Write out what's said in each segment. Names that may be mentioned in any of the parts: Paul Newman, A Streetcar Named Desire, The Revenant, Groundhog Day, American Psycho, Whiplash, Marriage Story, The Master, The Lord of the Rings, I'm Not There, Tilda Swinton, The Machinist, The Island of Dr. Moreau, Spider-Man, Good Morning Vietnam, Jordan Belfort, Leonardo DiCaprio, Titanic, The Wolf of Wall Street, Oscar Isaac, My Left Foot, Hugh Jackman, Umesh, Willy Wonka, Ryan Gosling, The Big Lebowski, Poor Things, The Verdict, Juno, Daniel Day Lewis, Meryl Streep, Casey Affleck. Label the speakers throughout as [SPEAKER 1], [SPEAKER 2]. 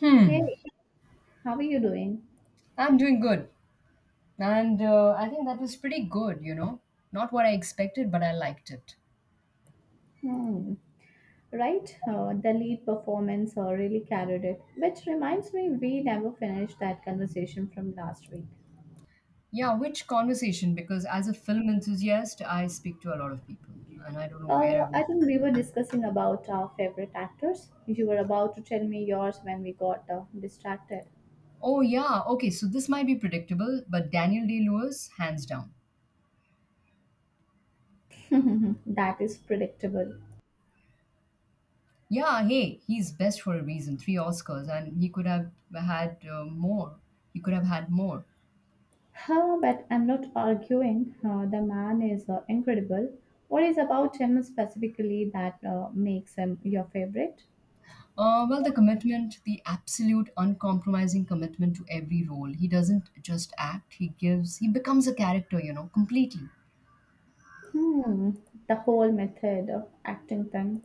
[SPEAKER 1] Hmm,
[SPEAKER 2] Hey, how are you doing?
[SPEAKER 1] I'm doing good. And I think that was pretty good. Not what I expected, but I liked it.
[SPEAKER 2] Hmm. Right, the lead performance really carried it, which reminds me we never finished that conversation from last week.
[SPEAKER 1] Yeah, which conversation? Because as a film enthusiast, I speak to a lot of people, and I don't know where I've.
[SPEAKER 2] I think we were discussing about our favorite actors. You were about to tell me yours when we got distracted.
[SPEAKER 1] Oh, yeah, okay, so this might be predictable, but Daniel Day Lewis, hands down.
[SPEAKER 2] that is predictable.
[SPEAKER 1] Yeah, hey, he's best for a reason. Three Oscars, and he could have had more. He could have had more.
[SPEAKER 2] Huh, but I'm not arguing. The man is incredible. What is about him specifically that makes him your favorite?
[SPEAKER 1] Well, the commitment, the absolute uncompromising commitment to every role. He doesn't just act, he gives, he becomes a character, completely.
[SPEAKER 2] Hmm, the whole method of acting them.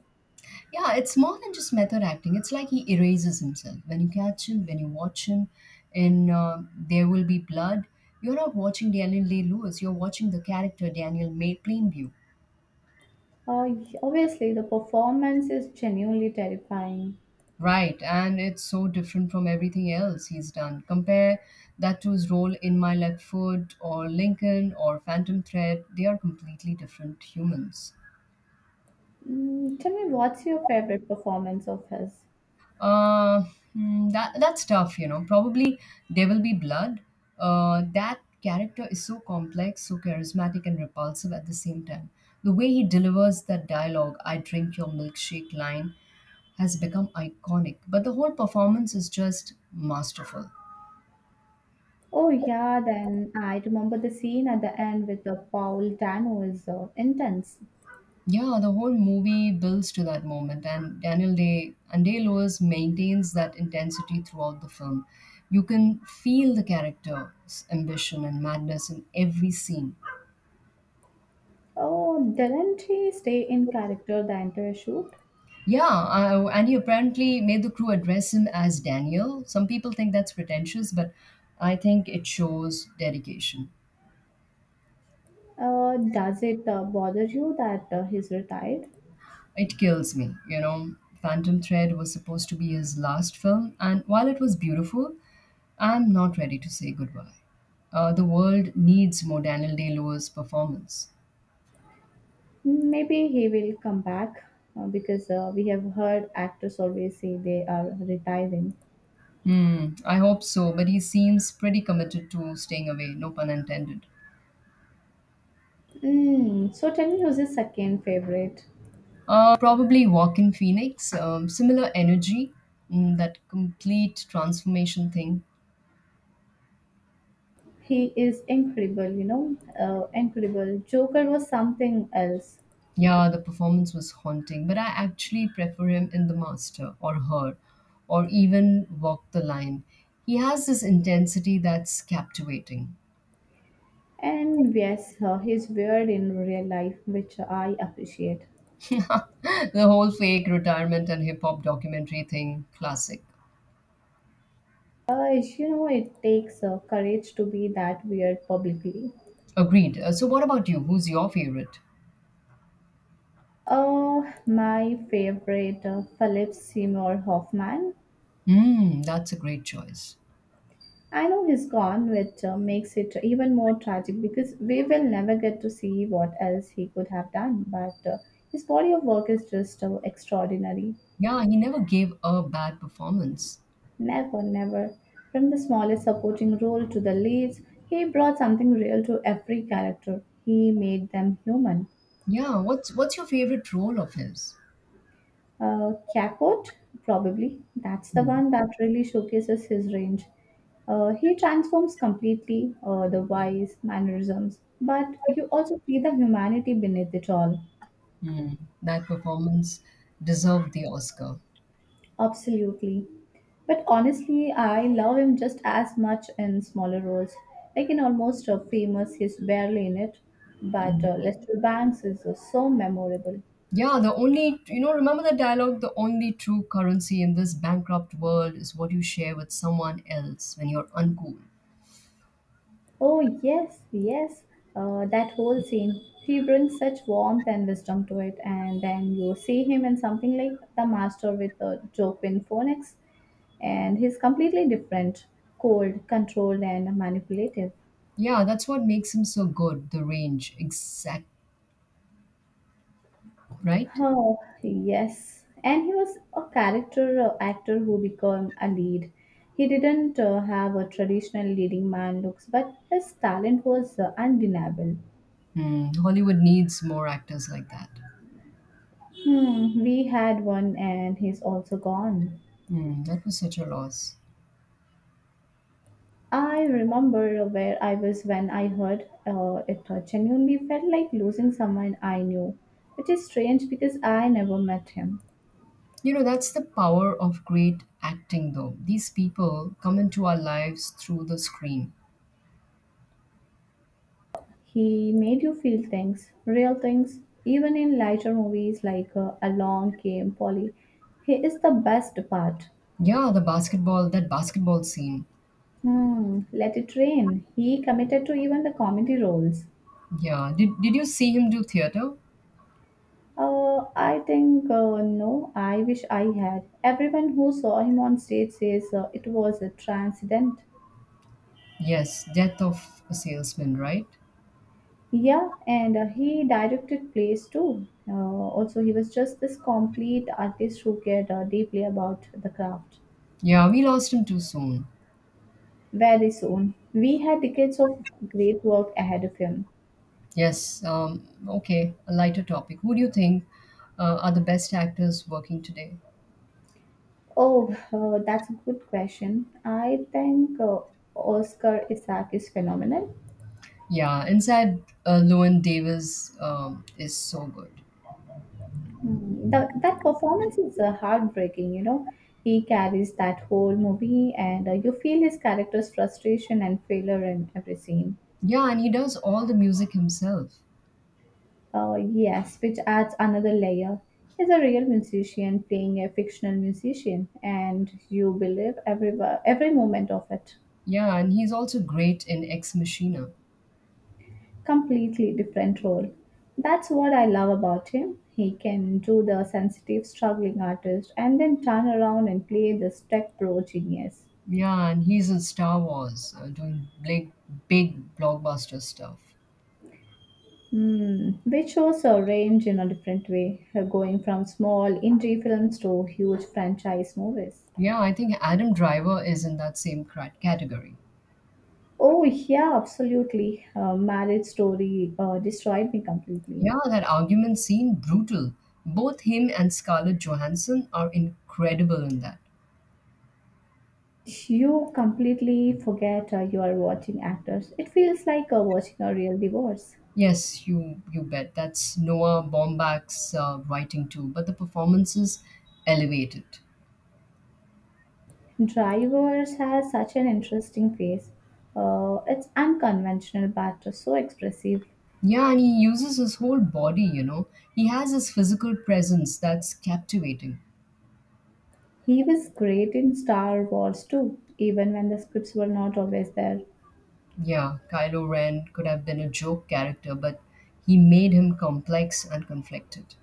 [SPEAKER 1] Yeah, it's more than just method acting. It's like he erases himself. When you watch him in There Will Be Blood, you're not watching Daniel Day Lewis, you're watching the character Daniel May Plainview.
[SPEAKER 2] Uh, obviously, the performance is genuinely terrifying.
[SPEAKER 1] Right, and it's so different from everything else he's done. Compare that to his role in My Left Foot or Lincoln or Phantom Thread. They are completely different humans.
[SPEAKER 2] Mm, tell me, what's your favorite performance of his?
[SPEAKER 1] Uh, that's tough. Probably There Will Be Blood. That character is so complex, so charismatic and repulsive at the same time. The way he delivers that dialogue, "I drink your milkshake" line, has become iconic. But the whole performance is just masterful.
[SPEAKER 2] Oh, yeah, then I remember the scene at the end with the Paul Dano is intense.
[SPEAKER 1] Yeah, the whole movie builds to that moment, and Daniel Day and Day Lewis maintains that intensity throughout the film. You can feel the character's ambition and madness in every scene.
[SPEAKER 2] Oh, didn't he stay in character the entire shoot?
[SPEAKER 1] Yeah, and he apparently made the crew address him as Daniel. Some people think that's pretentious, but I think it shows dedication.
[SPEAKER 2] Does it bother you that he's retired?
[SPEAKER 1] It kills me. Phantom Thread was supposed to be his last film, and while it was beautiful, I'm not ready to say goodbye. The world needs more Daniel Day Lewis performance.
[SPEAKER 2] Maybe he will come back because we have heard actors always say they are retiring.
[SPEAKER 1] Hmm, I hope so, but he seems pretty committed to staying away, no pun intended.
[SPEAKER 2] Mm, so tell me who's his second favorite.
[SPEAKER 1] Probably Walk in Phoenix, similar energy, that complete transformation thing.
[SPEAKER 2] He is incredible, you know, incredible. Joker was something else.
[SPEAKER 1] Yeah, the performance was haunting, but I actually prefer him in The Master or Her or even Walk the Line. He has this intensity that's captivating.
[SPEAKER 2] And yes, he's weird in real life, which I appreciate.
[SPEAKER 1] The whole fake retirement and hip hop documentary thing, classic.
[SPEAKER 2] You know, it takes courage to be that weird publicly.
[SPEAKER 1] Agreed. So, what about you? Who's your favorite?
[SPEAKER 2] Oh, my favorite, Philip Seymour Hoffman.
[SPEAKER 1] Hmm, that's a great choice.
[SPEAKER 2] I know he's gone, which makes it even more tragic because we will never get to see what else he could have done. But his body of work is just extraordinary.
[SPEAKER 1] Yeah, he never gave a bad performance.
[SPEAKER 2] Never, never. From the smallest supporting role to the leads, he brought something real to every character. He made them human.
[SPEAKER 1] Yeah, what's your favorite role of his?
[SPEAKER 2] Kakot, probably. That's the
[SPEAKER 1] Hmm.
[SPEAKER 2] one that really showcases his range. He transforms completely the wise mannerisms, but you also see the humanity beneath it all.
[SPEAKER 1] Hmm. That performance deserved the Oscar.
[SPEAKER 2] Absolutely. But honestly, I love him just as much in smaller roles. Like in Almost Famous, he's barely in it, but Lester Banks is so memorable.
[SPEAKER 1] Yeah, the only, remember the dialogue the only true currency in this bankrupt world is what you share with someone else when you're uncool.
[SPEAKER 2] Oh, yes, yes, that whole scene. He brings such warmth and wisdom to it, and then you see him in something like The Master with Joaquin Phoenix, and he's completely different cold, controlled, and manipulative.
[SPEAKER 1] Yeah, that's what makes him so good, the range. Exact, right?
[SPEAKER 2] Oh, yes. And he was a character actor who became a lead. He didn't have a traditional leading man looks, but his talent was undeniable.
[SPEAKER 1] Hmm, Hollywood needs more actors like that.
[SPEAKER 2] Hmm, we had one, and he's also gone.
[SPEAKER 1] Hmm, that was such a loss.
[SPEAKER 2] I remember where I was when I heard it genuinely felt like losing someone I knew, which is strange because I never met him.
[SPEAKER 1] That's the power of great acting, though. These people come into our lives through the screen.
[SPEAKER 2] He made you feel things, real things, even in lighter movies like Along Came Polly. He is the best part.
[SPEAKER 1] Yeah, that basketball scene.
[SPEAKER 2] Hmm, Let It Rain. He committed to even the comedy roles.
[SPEAKER 1] Yeah, did you see him do theater?
[SPEAKER 2] No, I wish I had. Everyone who saw him on stage says it was a transcendent.
[SPEAKER 1] Yes, Death of a Salesman, right?
[SPEAKER 2] Yeah, and he directed plays too. Also, he was just this complete artist who cared deeply about the craft.
[SPEAKER 1] Yeah, we lost him too soon.
[SPEAKER 2] Very soon, we had decades of great work ahead of him.
[SPEAKER 1] Yes, okay, a lighter topic. Who do you think are the best actors working today?
[SPEAKER 2] Oh, that's a good question. I think Oscar Isaac is phenomenal.
[SPEAKER 1] Yeah, Inside Llewyn Davis is so good.
[SPEAKER 2] Mm, that performance is heartbreaking, you know. He carries that whole movie, and you feel his character's frustration and failure in every scene.
[SPEAKER 1] Yeah, and he does all the music himself.
[SPEAKER 2] Yes, which adds another layer. He's a real musician playing a fictional musician, and you believe every moment of it.
[SPEAKER 1] Yeah, and he's also great in Ex Machina.
[SPEAKER 2] Completely different role. That's what I love about him. He can do the sensitive, struggling artist, and then turn around and play this tech pro genius.
[SPEAKER 1] Yeah, and he's in Star Wars doing big, big blockbuster stuff.
[SPEAKER 2] Hmm, which shows a range in a different way, going from small indie films to huge franchise movies.
[SPEAKER 1] Yeah, I think Adam Driver is in that same category.
[SPEAKER 2] Oh, yeah, absolutely. Marriage story destroyed me completely.
[SPEAKER 1] Yeah, that argument seemed brutal. Both him and Scarlett Johansson are incredible in that.
[SPEAKER 2] You completely forget you are watching actors. It feels like watching a real divorce.
[SPEAKER 1] Yes, you bet. That's Noah Baumbach's writing too, but the performances elevate it.
[SPEAKER 2] Drivers has such an interesting face. It's unconventional but so expressive.
[SPEAKER 1] Yeah, and he uses his whole body. He has his physical presence that's captivating.
[SPEAKER 2] He was great in Star Wars too, even when the scripts were not always there.
[SPEAKER 1] Yeah, Kylo Ren could have been a joke character, but he made him complex and conflicted.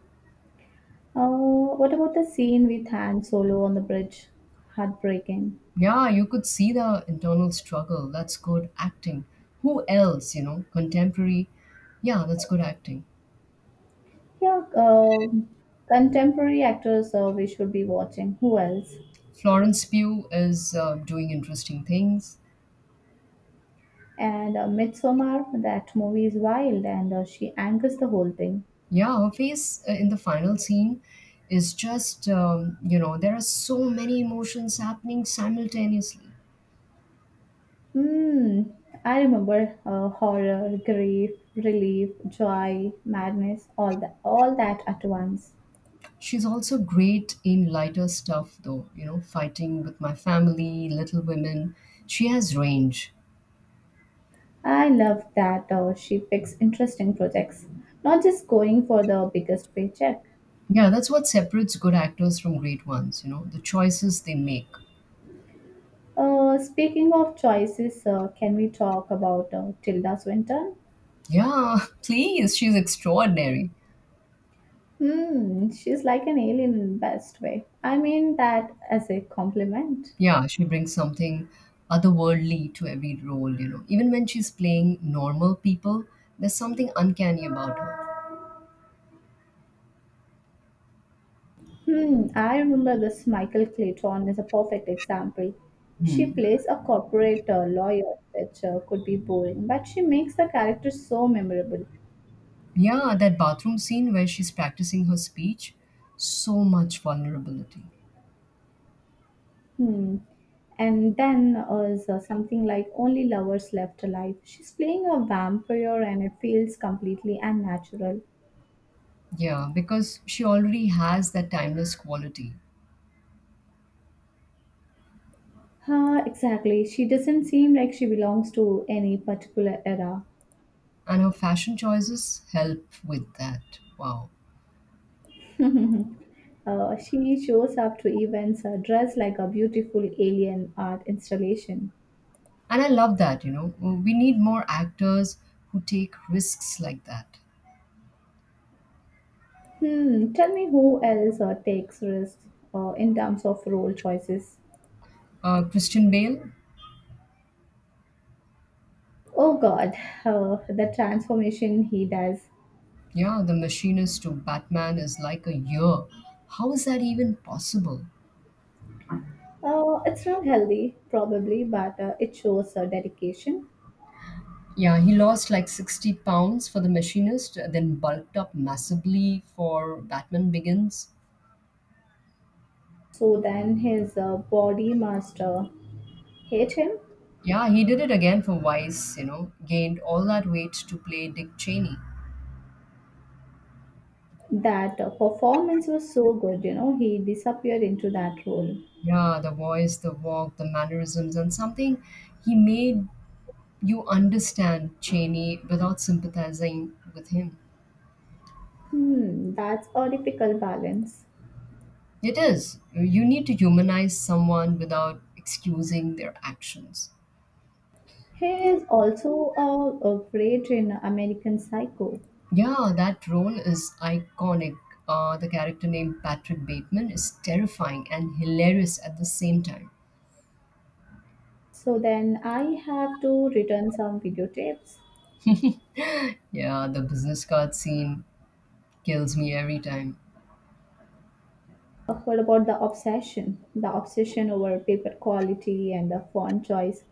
[SPEAKER 2] What about the scene with Han Solo on the bridge? Heartbreaking.
[SPEAKER 1] Yeah, you could see the internal struggle. That's good acting. Who else, contemporary? Yeah, that's good acting.
[SPEAKER 2] Yeah, contemporary actors we should be watching. Who else?
[SPEAKER 1] Florence Pugh is doing interesting things.
[SPEAKER 2] And Midsommar, that movie is wild and she anchors the whole thing.
[SPEAKER 1] Yeah, her face in the final scene is just, there are so many emotions happening simultaneously.
[SPEAKER 2] Hmm, I remember horror, grief, relief, joy, madness, all that at once.
[SPEAKER 1] She's also great in lighter stuff, though, Fighting with My Family, Little Women. She has range.
[SPEAKER 2] I love that she picks interesting projects, not just going for the biggest paycheck.
[SPEAKER 1] Yeah, that's what separates good actors from great ones, the choices they make.
[SPEAKER 2] Speaking of choices, can we talk about Tilda Swinton?
[SPEAKER 1] Yeah, please, she's extraordinary.
[SPEAKER 2] Hmm, she's like an alien in best way. I mean that as a compliment.
[SPEAKER 1] Yeah, she brings something otherworldly to every role. Even when she's playing normal people, there's something uncanny about her.
[SPEAKER 2] Hmm, I remember this Michael Clayton is a perfect example. She
[SPEAKER 1] Hmm.
[SPEAKER 2] plays a corporate lawyer, which could be boring, but she makes the character so memorable.
[SPEAKER 1] Yeah, that bathroom scene where she's practicing her speech, so much vulnerability.
[SPEAKER 2] Hmm. And then is something like Only Lovers Left Alive. She's playing a vampire and it feels completely unnatural.
[SPEAKER 1] Yeah, because she already has that timeless quality,
[SPEAKER 2] Huh, exactly. She doesn't seem like she belongs to any particular era.
[SPEAKER 1] and her fashion choices help with that. Wow.
[SPEAKER 2] She shows up to events dressed like a beautiful alien art installation.
[SPEAKER 1] And I love that. We need more actors who take risks like that.
[SPEAKER 2] Hmm, tell me who else takes risks in terms of role choices.
[SPEAKER 1] Christian Bale,
[SPEAKER 2] Oh god, the transformation he does.
[SPEAKER 1] yeah, The Machinist to Batman is like a year. How is that even possible?
[SPEAKER 2] It's not healthy, probably, but it shows dedication.
[SPEAKER 1] Yeah, he lost like 60 pounds for The Machinist, then bulked up massively for Batman Begins.
[SPEAKER 2] So then his body master hate him.
[SPEAKER 1] Yeah, he did it again for Vice, gained all that weight to play Dick Cheney.
[SPEAKER 2] That performance was so good, you know, he disappeared into that role.
[SPEAKER 1] Yeah, the voice, the walk, the mannerisms, and something he made you understand Cheney without sympathizing with him.
[SPEAKER 2] Hmm, that's a difficult balance.
[SPEAKER 1] It is. You need to humanize someone without excusing their actions.
[SPEAKER 2] He is also a great in American Psycho.
[SPEAKER 1] Yeah, that role is iconic. The character named Patrick Bateman is terrifying and hilarious at the same time.
[SPEAKER 2] So then I have to return some videotapes.
[SPEAKER 1] Yeah, the business card scene kills me every time.
[SPEAKER 2] I heard about the obsession over paper quality and the font choice.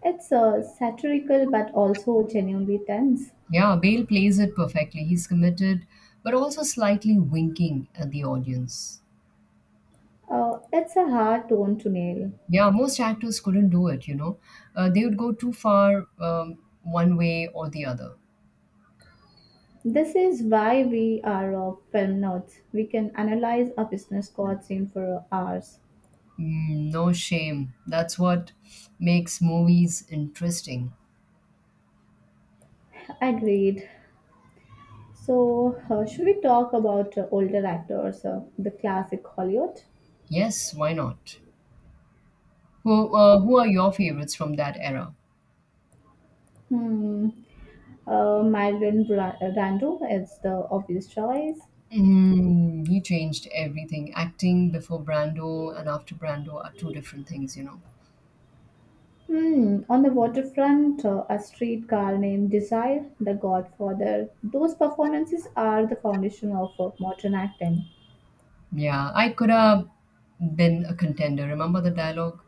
[SPEAKER 2] It's satirical but also genuinely tense.
[SPEAKER 1] Yeah, Bale plays it perfectly. He's committed, but also slightly winking at the audience.
[SPEAKER 2] It's a hard tone to nail.
[SPEAKER 1] Yeah, most actors couldn't do it. They would go too far one way or the other.
[SPEAKER 2] This is why we are film nerds. We can analyze a business card scene for hours.
[SPEAKER 1] Mm, no shame. That's what makes movies interesting.
[SPEAKER 2] Agreed. So, should we talk about older actors, the classic Hollywood?
[SPEAKER 1] Yes, why not? Who are your favorites from that era?
[SPEAKER 2] Hmm. Brando is the obvious choice.
[SPEAKER 1] Mm, he changed everything. Acting before Brando and after Brando are two different things.
[SPEAKER 2] Hmm. On the waterfront, a streetcar named Desire, The Godfather. Those performances are the foundation of modern acting.
[SPEAKER 1] Yeah, I could have been a contender. Remember the dialogue?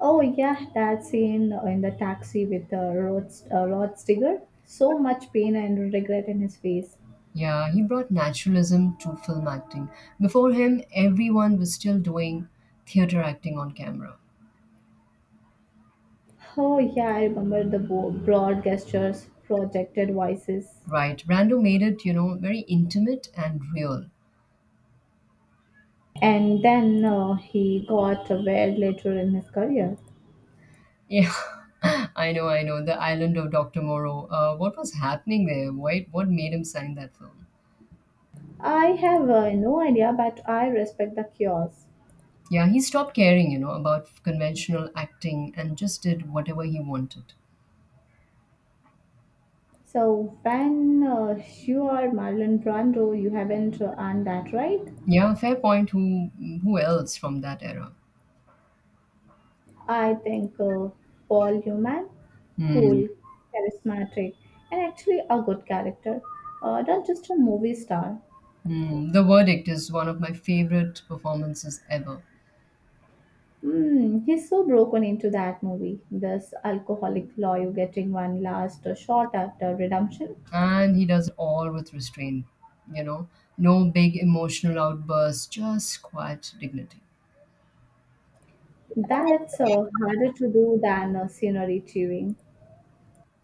[SPEAKER 2] Oh yeah, that scene in the taxi with Rod Steiger. So much pain and regret in his face.
[SPEAKER 1] Yeah, he brought naturalism to film acting. Before him, everyone was still doing theater acting on camera.
[SPEAKER 2] Oh, yeah, I remember the broad gestures, projected voices.
[SPEAKER 1] Right. Brando made it, very intimate and real.
[SPEAKER 2] And then he got weird later in his career.
[SPEAKER 1] Yeah. I know, I know. The Island of Dr. Moreau. What was happening there? Why, what made him sign that film?
[SPEAKER 2] I have no idea, but I respect the cures.
[SPEAKER 1] Yeah, he stopped caring, about conventional acting and just did whatever he wanted.
[SPEAKER 2] So when you are Marlon Brando, you haven't earned that right.
[SPEAKER 1] Yeah, fair point. Who else from that era?
[SPEAKER 2] I think Paul Newman,
[SPEAKER 1] Hmm.
[SPEAKER 2] cool, charismatic, and actually a good character, not just a movie star.
[SPEAKER 1] Mm, The Verdict is one of my favorite performances ever.
[SPEAKER 2] Mm, he's so broken into that movie. This alcoholic lawyer getting one last shot at redemption.
[SPEAKER 1] And he does it all with restraint, you know, no big emotional outbursts, just quiet dignity.
[SPEAKER 2] That's harder to do than scenery chewing.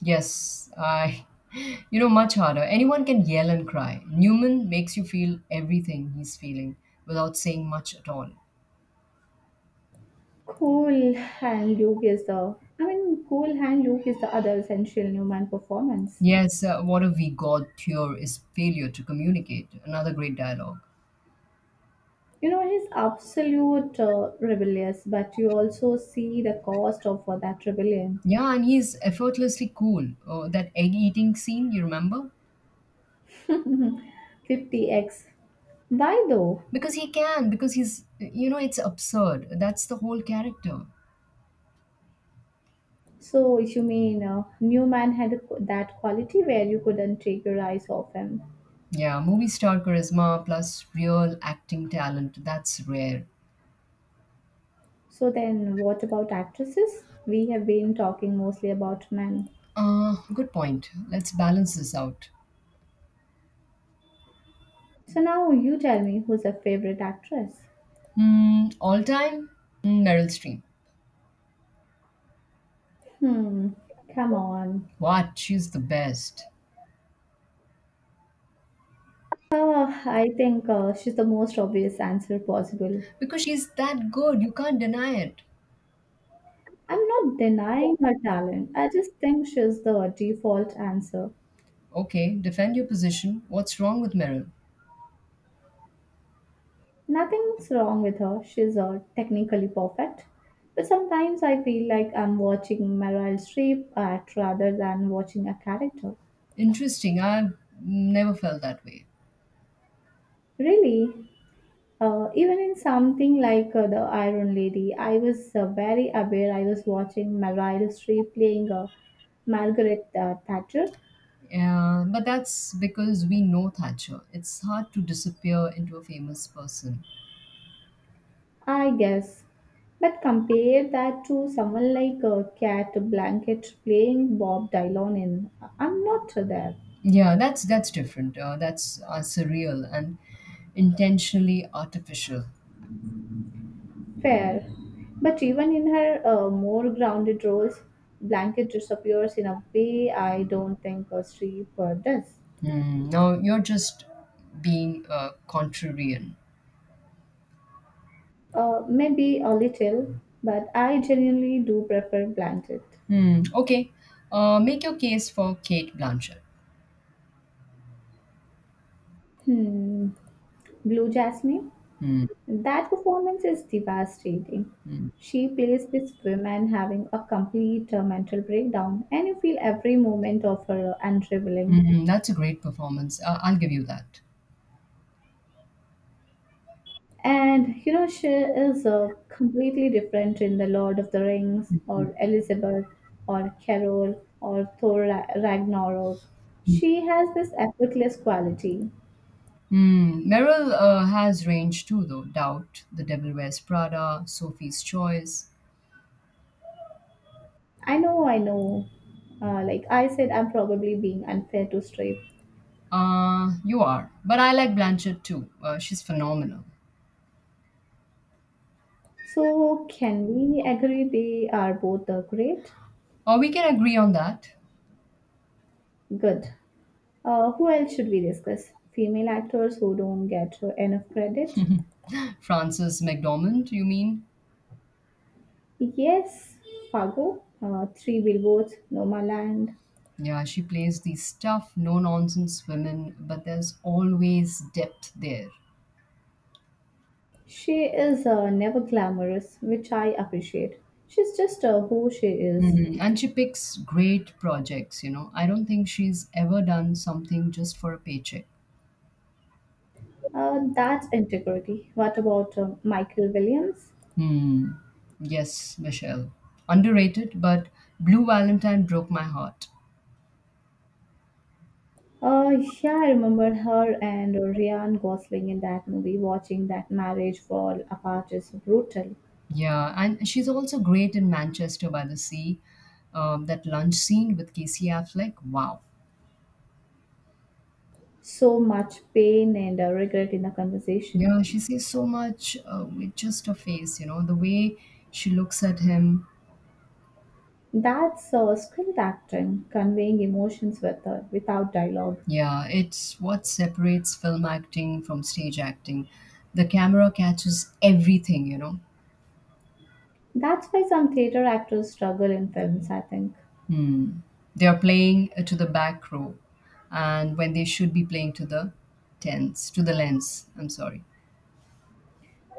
[SPEAKER 1] Yes, I, much harder. Anyone can yell and cry. Newman makes you feel everything he's feeling without saying much at all.
[SPEAKER 2] Cool hand Luke is the other essential Newman performance.
[SPEAKER 1] Yes, what a we God cure is failure to communicate. Another great dialogue.
[SPEAKER 2] You know, he's absolute rebellious, but you also see the cost of that rebellion.
[SPEAKER 1] Yeah, and he's effortlessly cool. Oh, that egg eating scene, you remember?
[SPEAKER 2] 50x. Why though?
[SPEAKER 1] Because he can, because he's, it's absurd. That's the whole character.
[SPEAKER 2] So you mean Newman had that quality where you couldn't take your eyes off him.
[SPEAKER 1] Yeah, movie star charisma plus real acting talent. That's rare.
[SPEAKER 2] So then, what about actresses? We have been talking mostly about men.
[SPEAKER 1] Good point. Let's balance this out.
[SPEAKER 2] So now you tell me who's your favorite actress?
[SPEAKER 1] Hmm, all time? Hmm, Meryl Streep.
[SPEAKER 2] Hmm, come on.
[SPEAKER 1] What? She's the best.
[SPEAKER 2] I think she's the most obvious answer possible.
[SPEAKER 1] Because she's that good. You can't deny it.
[SPEAKER 2] I'm not denying her talent. I just think she's the default answer.
[SPEAKER 1] Okay, defend your position. What's wrong with Meryl?
[SPEAKER 2] Nothing's wrong with her, she's technically perfect. But sometimes I feel like I'm watching Meryl Streep act rather than watching a character.
[SPEAKER 1] Interesting. I've never felt that way.
[SPEAKER 2] Really, even in something like The Iron Lady, I was very aware I was watching Meryl Streep playing Margaret Thatcher,
[SPEAKER 1] Yeah, but that's because we know Thatcher. It's hard to disappear into a famous person.
[SPEAKER 2] I guess. But compare that to someone like Cat Blanket playing Bob Dylan in I'm Not There.
[SPEAKER 1] Yeah, that's different. That's surreal and intentionally artificial.
[SPEAKER 2] Fair. But even in her more grounded roles, Blanket disappears in a way I don't think a stripper does.
[SPEAKER 1] Hmm. Now you're just being contrarian.
[SPEAKER 2] Maybe a little, but I genuinely do prefer Blanket.
[SPEAKER 1] Hmm. Okay. Make your case for Kate Blanchett.
[SPEAKER 2] Hmm. Blue Jasmine?
[SPEAKER 1] Hmm.
[SPEAKER 2] That performance is devastating.
[SPEAKER 1] Hmm.
[SPEAKER 2] She plays this woman having a complete mental breakdown, and you feel every moment of her unraveling.
[SPEAKER 1] Hmm. That's a great performance. I'll give you that.
[SPEAKER 2] And you know, she is completely different in The Lord of the Rings or Elizabeth or Carol or Ragnarok. She has this effortless quality.
[SPEAKER 1] Hmm. Meryl has range too, though. Doubt, The Devil Wears Prada, Sophie's Choice.
[SPEAKER 2] I know, I know. Like I said, I'm probably being unfair to Strip.
[SPEAKER 1] You are. But I like Blanchett too. She's phenomenal.
[SPEAKER 2] So, can we agree they are both great?
[SPEAKER 1] We can agree on that.
[SPEAKER 2] Good. Who else should we discuss? Female actors who don't get enough credit?
[SPEAKER 1] Frances McDormand, you mean?
[SPEAKER 2] Yes, Fargo, Three Billboards, Nomaland.
[SPEAKER 1] Yeah, she plays these tough, no nonsense women, but there's always depth there.
[SPEAKER 2] She is never glamorous, which I appreciate. She's just who she is.
[SPEAKER 1] Mhm. And she picks great projects. I don't think she's ever done something just for a paycheck.
[SPEAKER 2] That's integrity. What about Michael Williams?
[SPEAKER 1] Hmm. Yes, Michelle. Underrated, but Blue Valentine broke my heart.
[SPEAKER 2] Uh, yeah, I remember her and Ryan Gosling in that movie. Watching that marriage fall apart is brutal.
[SPEAKER 1] Yeah, and she's also great in Manchester by the Sea. That lunch scene with Casey Affleck, wow.
[SPEAKER 2] So much pain and regret in the conversation.
[SPEAKER 1] Yeah, she says so much with just her face, the way she looks at him.
[SPEAKER 2] That's skilled acting, conveying emotions without dialogue.
[SPEAKER 1] Yeah, it's what separates film acting from stage acting. The camera catches everything.
[SPEAKER 2] That's why some theater actors struggle in films, I think.
[SPEAKER 1] Hmm. They are playing to the back row, and when they should be playing to the lens. I'm sorry.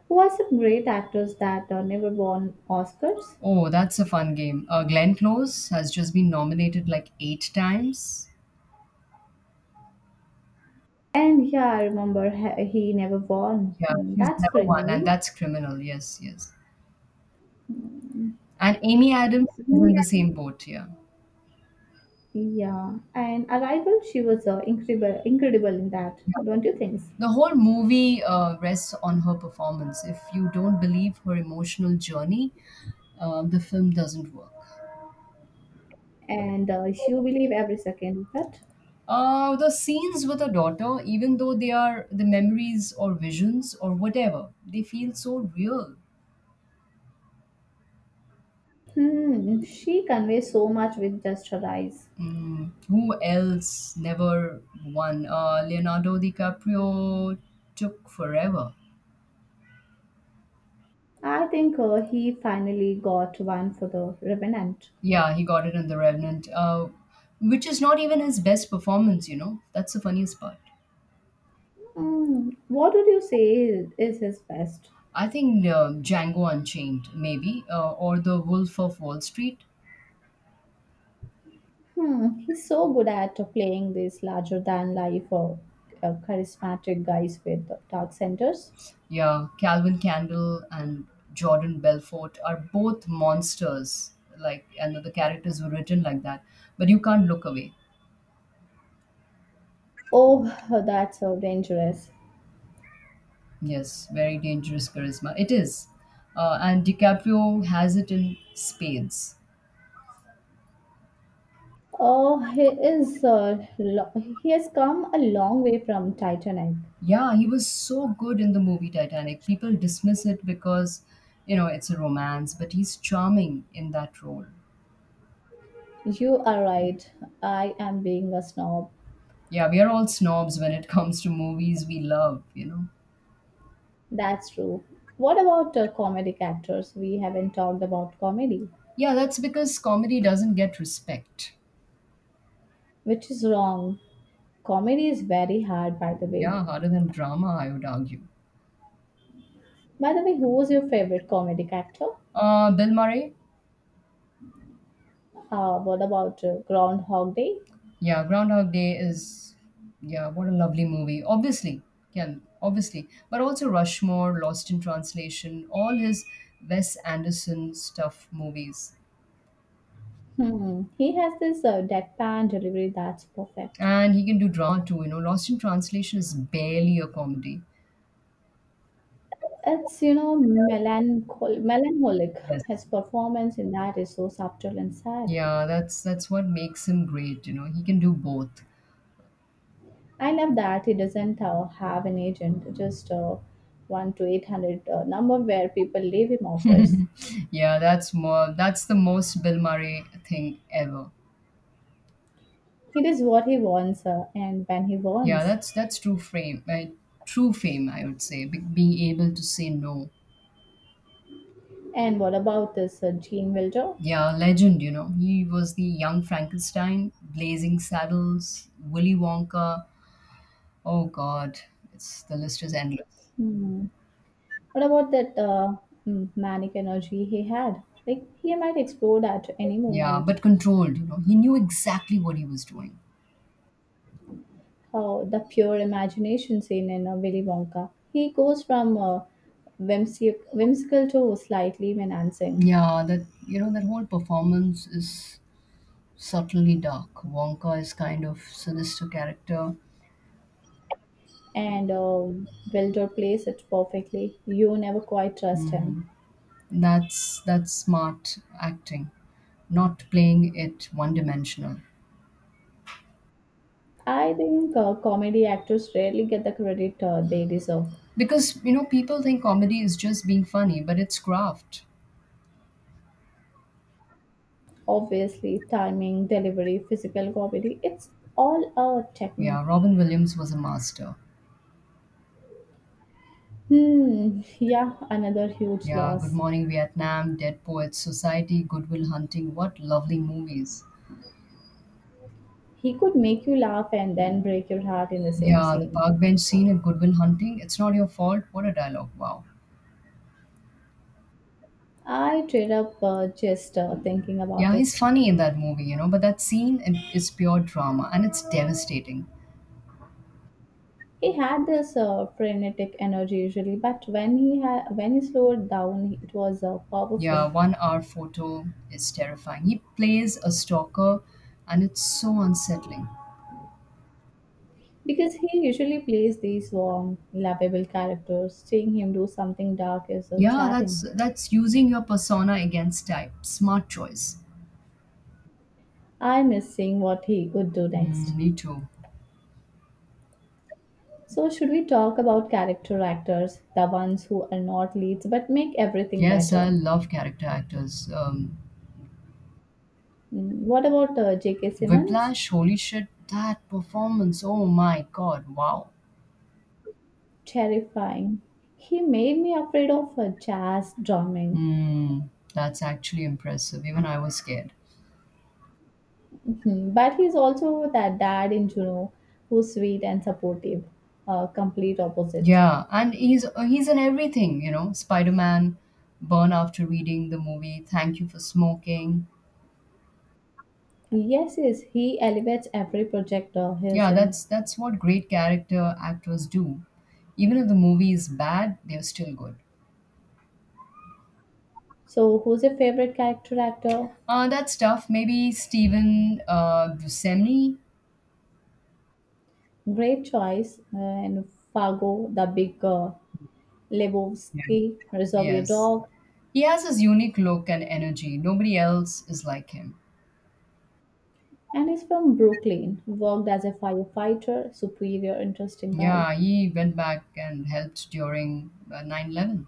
[SPEAKER 2] Who are some great actors that never won Oscars?
[SPEAKER 1] Oh, that's a fun game. Glenn Close has just been nominated like eight times.
[SPEAKER 2] And yeah, I remember he never won.
[SPEAKER 1] Yeah,
[SPEAKER 2] Mm,
[SPEAKER 1] she's
[SPEAKER 2] that's
[SPEAKER 1] never won, and
[SPEAKER 2] criminal.
[SPEAKER 1] that's criminal. Yes, yes. And Amy Adams is in the
[SPEAKER 2] Yeah.
[SPEAKER 1] same boat here.
[SPEAKER 2] Yeah, and Arrival, she was incredible, incredible in that, don't you think?
[SPEAKER 1] The whole movie rests on her performance. If you don't believe her emotional journey, the film doesn't work.
[SPEAKER 2] And you believe every second of that.
[SPEAKER 1] The scenes with her daughter, even though they are the memories or visions or whatever, they feel so real.
[SPEAKER 2] She conveys so much with just her eyes.
[SPEAKER 1] Mm, who else never won? Leonardo DiCaprio took forever.
[SPEAKER 2] I think he finally got one for the Revenant.
[SPEAKER 1] Yeah, he got it in The Revenant, which is not even his best performance, you know? That's the funniest part.
[SPEAKER 2] What would you say is, his best?
[SPEAKER 1] I think Django Unchained, maybe, or The Wolf of Wall Street.
[SPEAKER 2] He's so good at playing these larger than life or charismatic guys with dark centers.
[SPEAKER 1] Yeah, Calvin Candle and Jordan Belfort are both monsters. Like, and the characters were written like that, but you can't look away.
[SPEAKER 2] Oh, that's so dangerous.
[SPEAKER 1] Yes, very dangerous charisma. It is. And DiCaprio has it in spades.
[SPEAKER 2] Oh, he is. He has come a long way from Titanic.
[SPEAKER 1] Yeah, he was so good in the movie Titanic. People dismiss it because, you know, it's a romance, but he's charming in that role.
[SPEAKER 2] You are right. I am being a snob.
[SPEAKER 1] Yeah, we are all snobs when it comes to movies we love.
[SPEAKER 2] That's true. What about comedic actors? We haven't talked about comedy,
[SPEAKER 1] Yeah, that's because comedy doesn't get respect.
[SPEAKER 2] which is wrong. Comedy is very hard, by the way.
[SPEAKER 1] Yeah, harder than drama, I would argue.
[SPEAKER 2] By the way, who was your favorite comedic actor?
[SPEAKER 1] Bill Murray.
[SPEAKER 2] What about Groundhog Day?
[SPEAKER 1] Yeah, Groundhog Day is, yeah, what a lovely movie. Obviously, yeah, obviously. But also Rushmore, Lost in Translation, all his Wes Anderson stuff movies.
[SPEAKER 2] He has this deadpan delivery that's perfect.
[SPEAKER 1] And he can do drama too, you know. Lost in Translation is barely a comedy.
[SPEAKER 2] It's melancholic. His
[SPEAKER 1] Yes.
[SPEAKER 2] performance in that is so subtle and sad.
[SPEAKER 1] Yeah, that's what makes him great, you know. He can do both.
[SPEAKER 2] I love that he doesn't have an agent, just 1 to 800 number where people leave him offers.
[SPEAKER 1] Yeah, that's the most Bill Murray thing ever.
[SPEAKER 2] He does what he wants and when he
[SPEAKER 1] Yeah,
[SPEAKER 2] wants.
[SPEAKER 1] that's true fame, I would say, being able to say no.
[SPEAKER 2] And what about this Gene Wilder?
[SPEAKER 1] Yeah, legend, you know. He was the young Frankenstein, Blazing Saddles, Willy Wonka. Oh God, it's the list is endless.
[SPEAKER 2] Hmm. What about that manic energy he had? Like he might explode at any
[SPEAKER 1] Yeah,
[SPEAKER 2] moment.
[SPEAKER 1] but controlled, you know. He knew exactly what he was doing.
[SPEAKER 2] How the pure imagination scene in Willy Wonka. He goes from whimsical to slightly menacing,
[SPEAKER 1] Yeah, that whole performance is subtly dark. Wonka is kind of sinister character.
[SPEAKER 2] and Wilder plays it perfectly. You never quite trust him.
[SPEAKER 1] Mm, that's smart acting, not playing it one dimensional.
[SPEAKER 2] I think comedy actors rarely get the credit they deserve.
[SPEAKER 1] Because you know, people think comedy is just being funny, but it's craft.
[SPEAKER 2] Obviously, timing, delivery, physical comedy, it's all a technique.
[SPEAKER 1] Yeah, Robin Williams was a master.
[SPEAKER 2] Hmm, yeah, another huge
[SPEAKER 1] Yeah, Good
[SPEAKER 2] loss.
[SPEAKER 1] Morning Vietnam, Dead Poets Society, Goodwill Hunting. What lovely movies.
[SPEAKER 2] He could make you laugh and then break your heart in the same
[SPEAKER 1] Yeah, the
[SPEAKER 2] scene.
[SPEAKER 1] park bench scene in Goodwill Hunting. It's not your fault. What a dialogue. Wow.
[SPEAKER 2] I teared up just thinking about
[SPEAKER 1] Yeah, he's
[SPEAKER 2] it.
[SPEAKER 1] funny in that movie, you know, but that scene it is pure drama and it's devastating.
[SPEAKER 2] He had this frenetic energy usually, but when he slowed down, it was powerful.
[SPEAKER 1] Yeah, one hour photo is terrifying. He plays a stalker and it's so unsettling.
[SPEAKER 2] Because he usually plays these warm, lovable characters, seeing him do something dark is
[SPEAKER 1] Yeah, that's
[SPEAKER 2] jarring.
[SPEAKER 1] that's using your persona against type. Smart choice.
[SPEAKER 2] I miss seeing what he would do next.
[SPEAKER 1] Mm, me too.
[SPEAKER 2] So, should we talk about character actors, the ones who are not leads but make everything
[SPEAKER 1] Yes, I
[SPEAKER 2] better?
[SPEAKER 1] love character actors.
[SPEAKER 2] Mm. What about J.K. Simmons?
[SPEAKER 1] Whiplash, holy shit, that performance. Oh my god, wow.
[SPEAKER 2] Terrifying. He made me afraid of jazz drumming.
[SPEAKER 1] Hmm, that's actually impressive. Even I was scared.
[SPEAKER 2] Mhm. But he's also that dad in Juno who's sweet and supportive, complete opposite.
[SPEAKER 1] Yeah, and he's in everything, you know. Spider-Man, Burn After Reading the movie, Thank You for Smoking.
[SPEAKER 2] Yes, yes, he elevates every project he's
[SPEAKER 1] Yeah,
[SPEAKER 2] in.
[SPEAKER 1] that's what great character actors do. Even if the movie is bad, they're still good.
[SPEAKER 2] So, who's your favorite character actor?
[SPEAKER 1] That's tough. Maybe Steven Buscemi.
[SPEAKER 2] Great choice. And Fargo, the big
[SPEAKER 1] Yeah.
[SPEAKER 2] Lebowski, Reservoir
[SPEAKER 1] Yes,
[SPEAKER 2] Dog,
[SPEAKER 1] he has his unique look and energy. Nobody else is like him.
[SPEAKER 2] and is from Brooklyn. Worked as a firefighter, superior, interesting guy.
[SPEAKER 1] Yeah, he went back and helped during 9/11.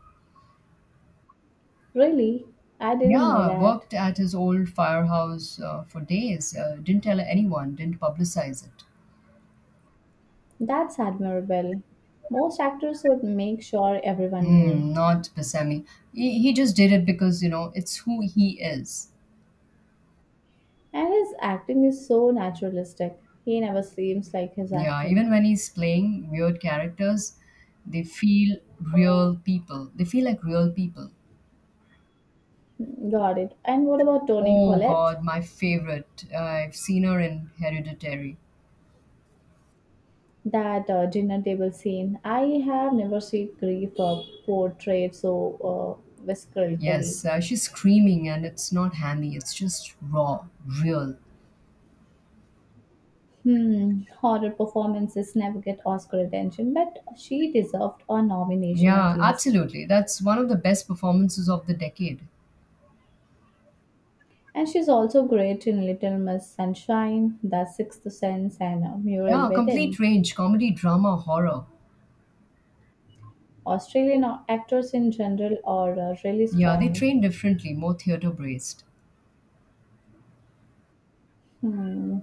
[SPEAKER 2] Really? I didn't know
[SPEAKER 1] Yeah,
[SPEAKER 2] that.
[SPEAKER 1] worked at his old firehouse for days. Didn't tell anyone, didn't publicize it.
[SPEAKER 2] That's admirable. Most actors would make sure everyone knew.
[SPEAKER 1] Mm, not Basemi. He just did it because, you know, it's who he is.
[SPEAKER 2] And his acting is so naturalistic. He never seems like his
[SPEAKER 1] Yeah,
[SPEAKER 2] acting.
[SPEAKER 1] even when he's playing weird characters, they feel They feel like real people.
[SPEAKER 2] Hmm. Got it. And what about Tony
[SPEAKER 1] Oh
[SPEAKER 2] Collette?
[SPEAKER 1] God, my favorite. I've seen her in Hereditary.
[SPEAKER 2] That dinner table scene. I have never seen grief portrayed so viscerally.
[SPEAKER 1] Yes, she's screaming, and it's not hammy. It's just raw, real.
[SPEAKER 2] Horror performances never get Oscar attention, but she deserved a nomination at
[SPEAKER 1] Yeah,
[SPEAKER 2] least.
[SPEAKER 1] absolutely. That's one of the best performances of the decade.
[SPEAKER 2] And she's also great in Little Miss Sunshine, The Sixth Sense, and Muriel
[SPEAKER 1] Yeah,
[SPEAKER 2] Wedding.
[SPEAKER 1] complete range comedy, drama, horror.
[SPEAKER 2] Actors in general are really
[SPEAKER 1] Yeah, they
[SPEAKER 2] strong.
[SPEAKER 1] train differently, more theater based.
[SPEAKER 2] Hmm.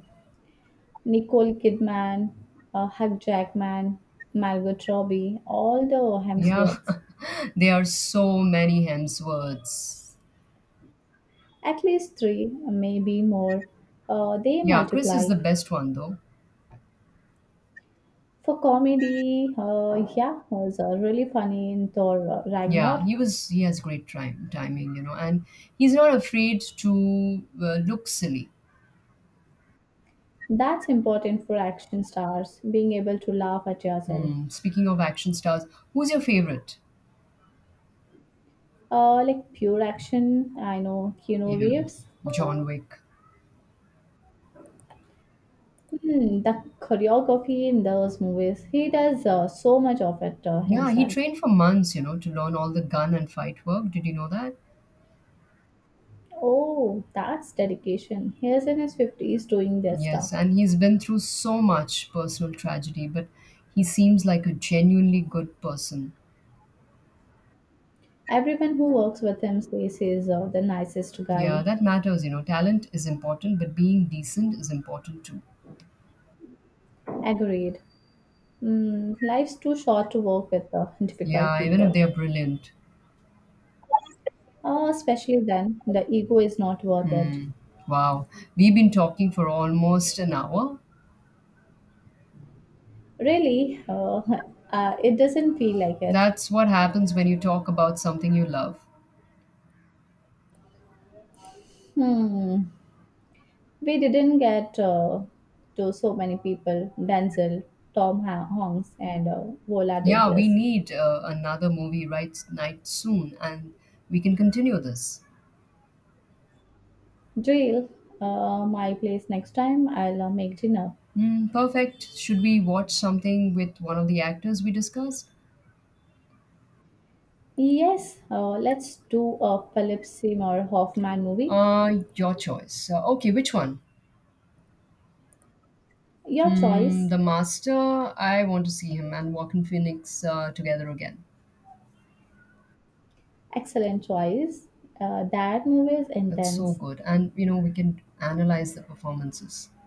[SPEAKER 2] Nicole Kidman, Hugh Jackman, Margot Robbie, all the
[SPEAKER 1] Yeah,
[SPEAKER 2] Hemsworths.
[SPEAKER 1] there are so many Hemsworths.
[SPEAKER 2] At least three, maybe more. They
[SPEAKER 1] Yeah, Chris is
[SPEAKER 2] multiply.
[SPEAKER 1] the best one though.
[SPEAKER 2] For comedy, yeah, was really funny in Thor
[SPEAKER 1] Yeah, he
[SPEAKER 2] Ragnarok.
[SPEAKER 1] was he has great time timing, you know, and he's not afraid to look silly.
[SPEAKER 2] That's important for action stars, being able to laugh at yourself.
[SPEAKER 1] Hmm. Speaking of action stars, who's your favorite?
[SPEAKER 2] Like pure action, I know Keanu
[SPEAKER 1] Yeah,
[SPEAKER 2] Reeves.
[SPEAKER 1] John Wick.
[SPEAKER 2] The choreography in those movies, he does so much of it
[SPEAKER 1] Yeah, he
[SPEAKER 2] himself.
[SPEAKER 1] trained for months, you know, to learn all the gun and fight work. Did you know that?
[SPEAKER 2] Oh, that's dedication. He is in his 50s doing this stuff.
[SPEAKER 1] Yes, and he's been through so much personal tragedy, but he seems like a genuinely good person.
[SPEAKER 2] Everyone who works with him says he's the nicest
[SPEAKER 1] Yeah,
[SPEAKER 2] guy.
[SPEAKER 1] that matters, you know. Talent is important, but being decent is important too.
[SPEAKER 2] Agreed. Mm, life's too short to work with difficult
[SPEAKER 1] Yeah, even if
[SPEAKER 2] people.
[SPEAKER 1] they're brilliant.
[SPEAKER 2] Especially then, the ego is not worth it.
[SPEAKER 1] Hmm. Wow. We've been talking for almost an hour.
[SPEAKER 2] Really, it doesn't feel like it.
[SPEAKER 1] That's what happens when you talk about something you love.
[SPEAKER 2] Hmm. We didn't get to so many people, Denzel, Hanks, and Vola
[SPEAKER 1] Yeah, we
[SPEAKER 2] Davis.
[SPEAKER 1] need another movie night soon, and we can continue this.
[SPEAKER 2] Jill, my place next time. I'll make dinner.
[SPEAKER 1] Hmm, perfect. Should we watch something with one of the actors we discussed?
[SPEAKER 2] Yes, let's do a Philip Seymour Hoffman movie.
[SPEAKER 1] Your choice. Okay, which one?
[SPEAKER 2] Your
[SPEAKER 1] Hmm,
[SPEAKER 2] choice.
[SPEAKER 1] the Master. I want to see him and Walking Phoenix together again.
[SPEAKER 2] Excellent choice. That movie is
[SPEAKER 1] That's so
[SPEAKER 2] intense,
[SPEAKER 1] good, and you know we can analyze the performances.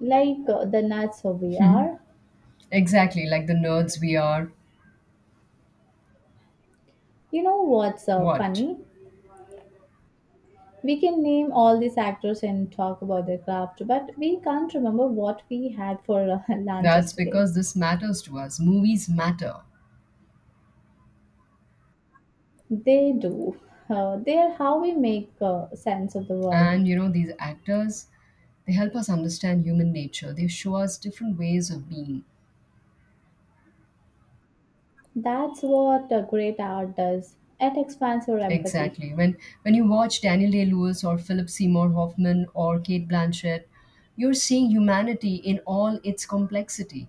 [SPEAKER 2] like the nuts we
[SPEAKER 1] Hmm,
[SPEAKER 2] are.
[SPEAKER 1] exactly, like the nerds we are.
[SPEAKER 2] You know what's
[SPEAKER 1] What?
[SPEAKER 2] funny? We can name all these actors and talk about their craft, but we can't remember what we had for lunch
[SPEAKER 1] That's
[SPEAKER 2] yesterday.
[SPEAKER 1] because this matters to us. Movies matter.
[SPEAKER 2] They do. They're how we make sense of the world.
[SPEAKER 1] And you know, these actors, they help us understand human nature. They show us different ways of being.
[SPEAKER 2] That's what a great art does. It expands your empathy.
[SPEAKER 1] Exactly. When you watch Daniel Day Lewis or Philip Seymour Hoffman or Kate Blanchett, you're seeing humanity in all its complexity.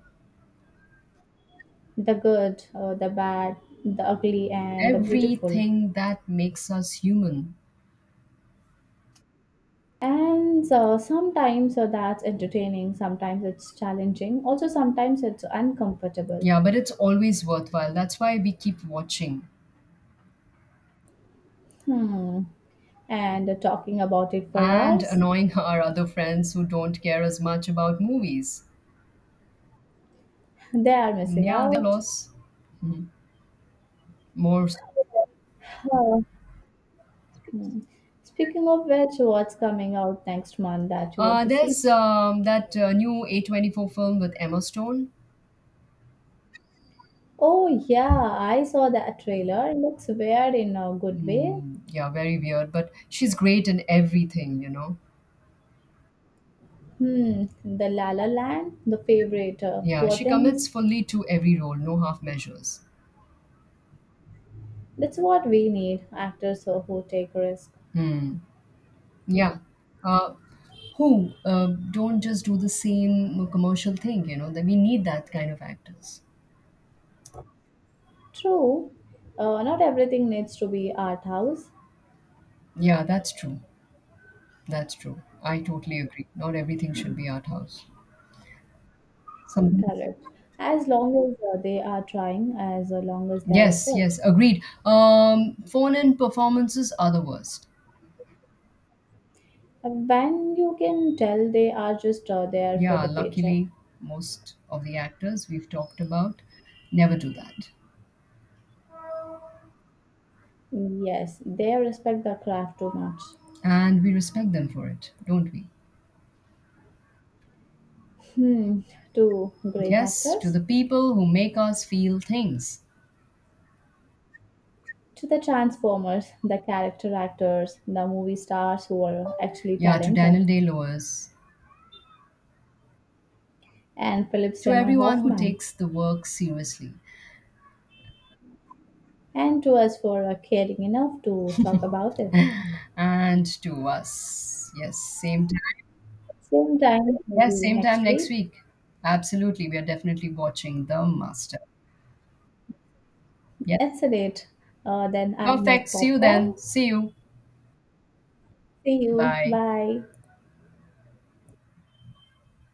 [SPEAKER 2] The good, the bad, the ugly, and the beautiful.
[SPEAKER 1] Everything that makes us human.
[SPEAKER 2] And sometimes that's entertaining, sometimes it's challenging, also sometimes it's uncomfortable.
[SPEAKER 1] Yeah, but it's always worthwhile. That's why we keep watching
[SPEAKER 2] Hmm. And talking about it for
[SPEAKER 1] and
[SPEAKER 2] hours,
[SPEAKER 1] annoying our other friends who don't care as much about movies.
[SPEAKER 2] they are missing
[SPEAKER 1] Yeah, they're
[SPEAKER 2] out.
[SPEAKER 1] loss. Mhm. More. So.
[SPEAKER 2] Oh, hmm. Speaking of which, what's coming out next month that you want to see?
[SPEAKER 1] There's that new A24 film with Emma Stone.
[SPEAKER 2] Oh yeah, I saw that trailer. It looks weird in a good way.
[SPEAKER 1] Mm, yeah, very weird, but she's great in everything, you know.
[SPEAKER 2] Hmm, the La La Land, the favorite,
[SPEAKER 1] Yeah,
[SPEAKER 2] poor
[SPEAKER 1] she commits
[SPEAKER 2] things.
[SPEAKER 1] fully to every role, no half measures.
[SPEAKER 2] That's what we need, actors who take risks.
[SPEAKER 1] Hmm. Yeah. Uh, who don't just do the same commercial thing, you know, that we need that kind of actors.
[SPEAKER 2] True, not everything needs to be art house.
[SPEAKER 1] Yeah, that's true. That's true. I totally agree. Not everything should
[SPEAKER 2] Mm.
[SPEAKER 1] be art house. Sometimes.
[SPEAKER 2] Correct. As long as they are trying, as long as their
[SPEAKER 1] Yes,
[SPEAKER 2] effort.
[SPEAKER 1] yes, agreed. Phone in performances are the worst.
[SPEAKER 2] When you can tell they are just there for
[SPEAKER 1] Yeah,
[SPEAKER 2] the paycheck.
[SPEAKER 1] luckily, most of the actors we've talked about never do that.
[SPEAKER 2] Yes, they respect the craft too much.
[SPEAKER 1] And we respect them for it, don't we?
[SPEAKER 2] Hmm, to great
[SPEAKER 1] Yes, to
[SPEAKER 2] actors,
[SPEAKER 1] the people who make us feel things.
[SPEAKER 2] to the transformers, the character actors, the movie stars who are actually
[SPEAKER 1] Yeah, to Daniel
[SPEAKER 2] talented,
[SPEAKER 1] Day Lewis,
[SPEAKER 2] and Philip
[SPEAKER 1] to
[SPEAKER 2] Seymour
[SPEAKER 1] everyone who
[SPEAKER 2] Hoffman,
[SPEAKER 1] takes the work seriously,
[SPEAKER 2] and to us for caring enough to talk about it.
[SPEAKER 1] and to us. Yes, same time.
[SPEAKER 2] Same time,
[SPEAKER 1] Yes,
[SPEAKER 2] maybe
[SPEAKER 1] same
[SPEAKER 2] next
[SPEAKER 1] time next
[SPEAKER 2] week.
[SPEAKER 1] week. Absolutely, we are definitely watching The Master. Yes,
[SPEAKER 2] It's a date. Then I'll
[SPEAKER 1] perfect.
[SPEAKER 2] make
[SPEAKER 1] See you
[SPEAKER 2] popcorn.
[SPEAKER 1] then. See you.
[SPEAKER 2] See you.
[SPEAKER 1] Bye.
[SPEAKER 2] Bye.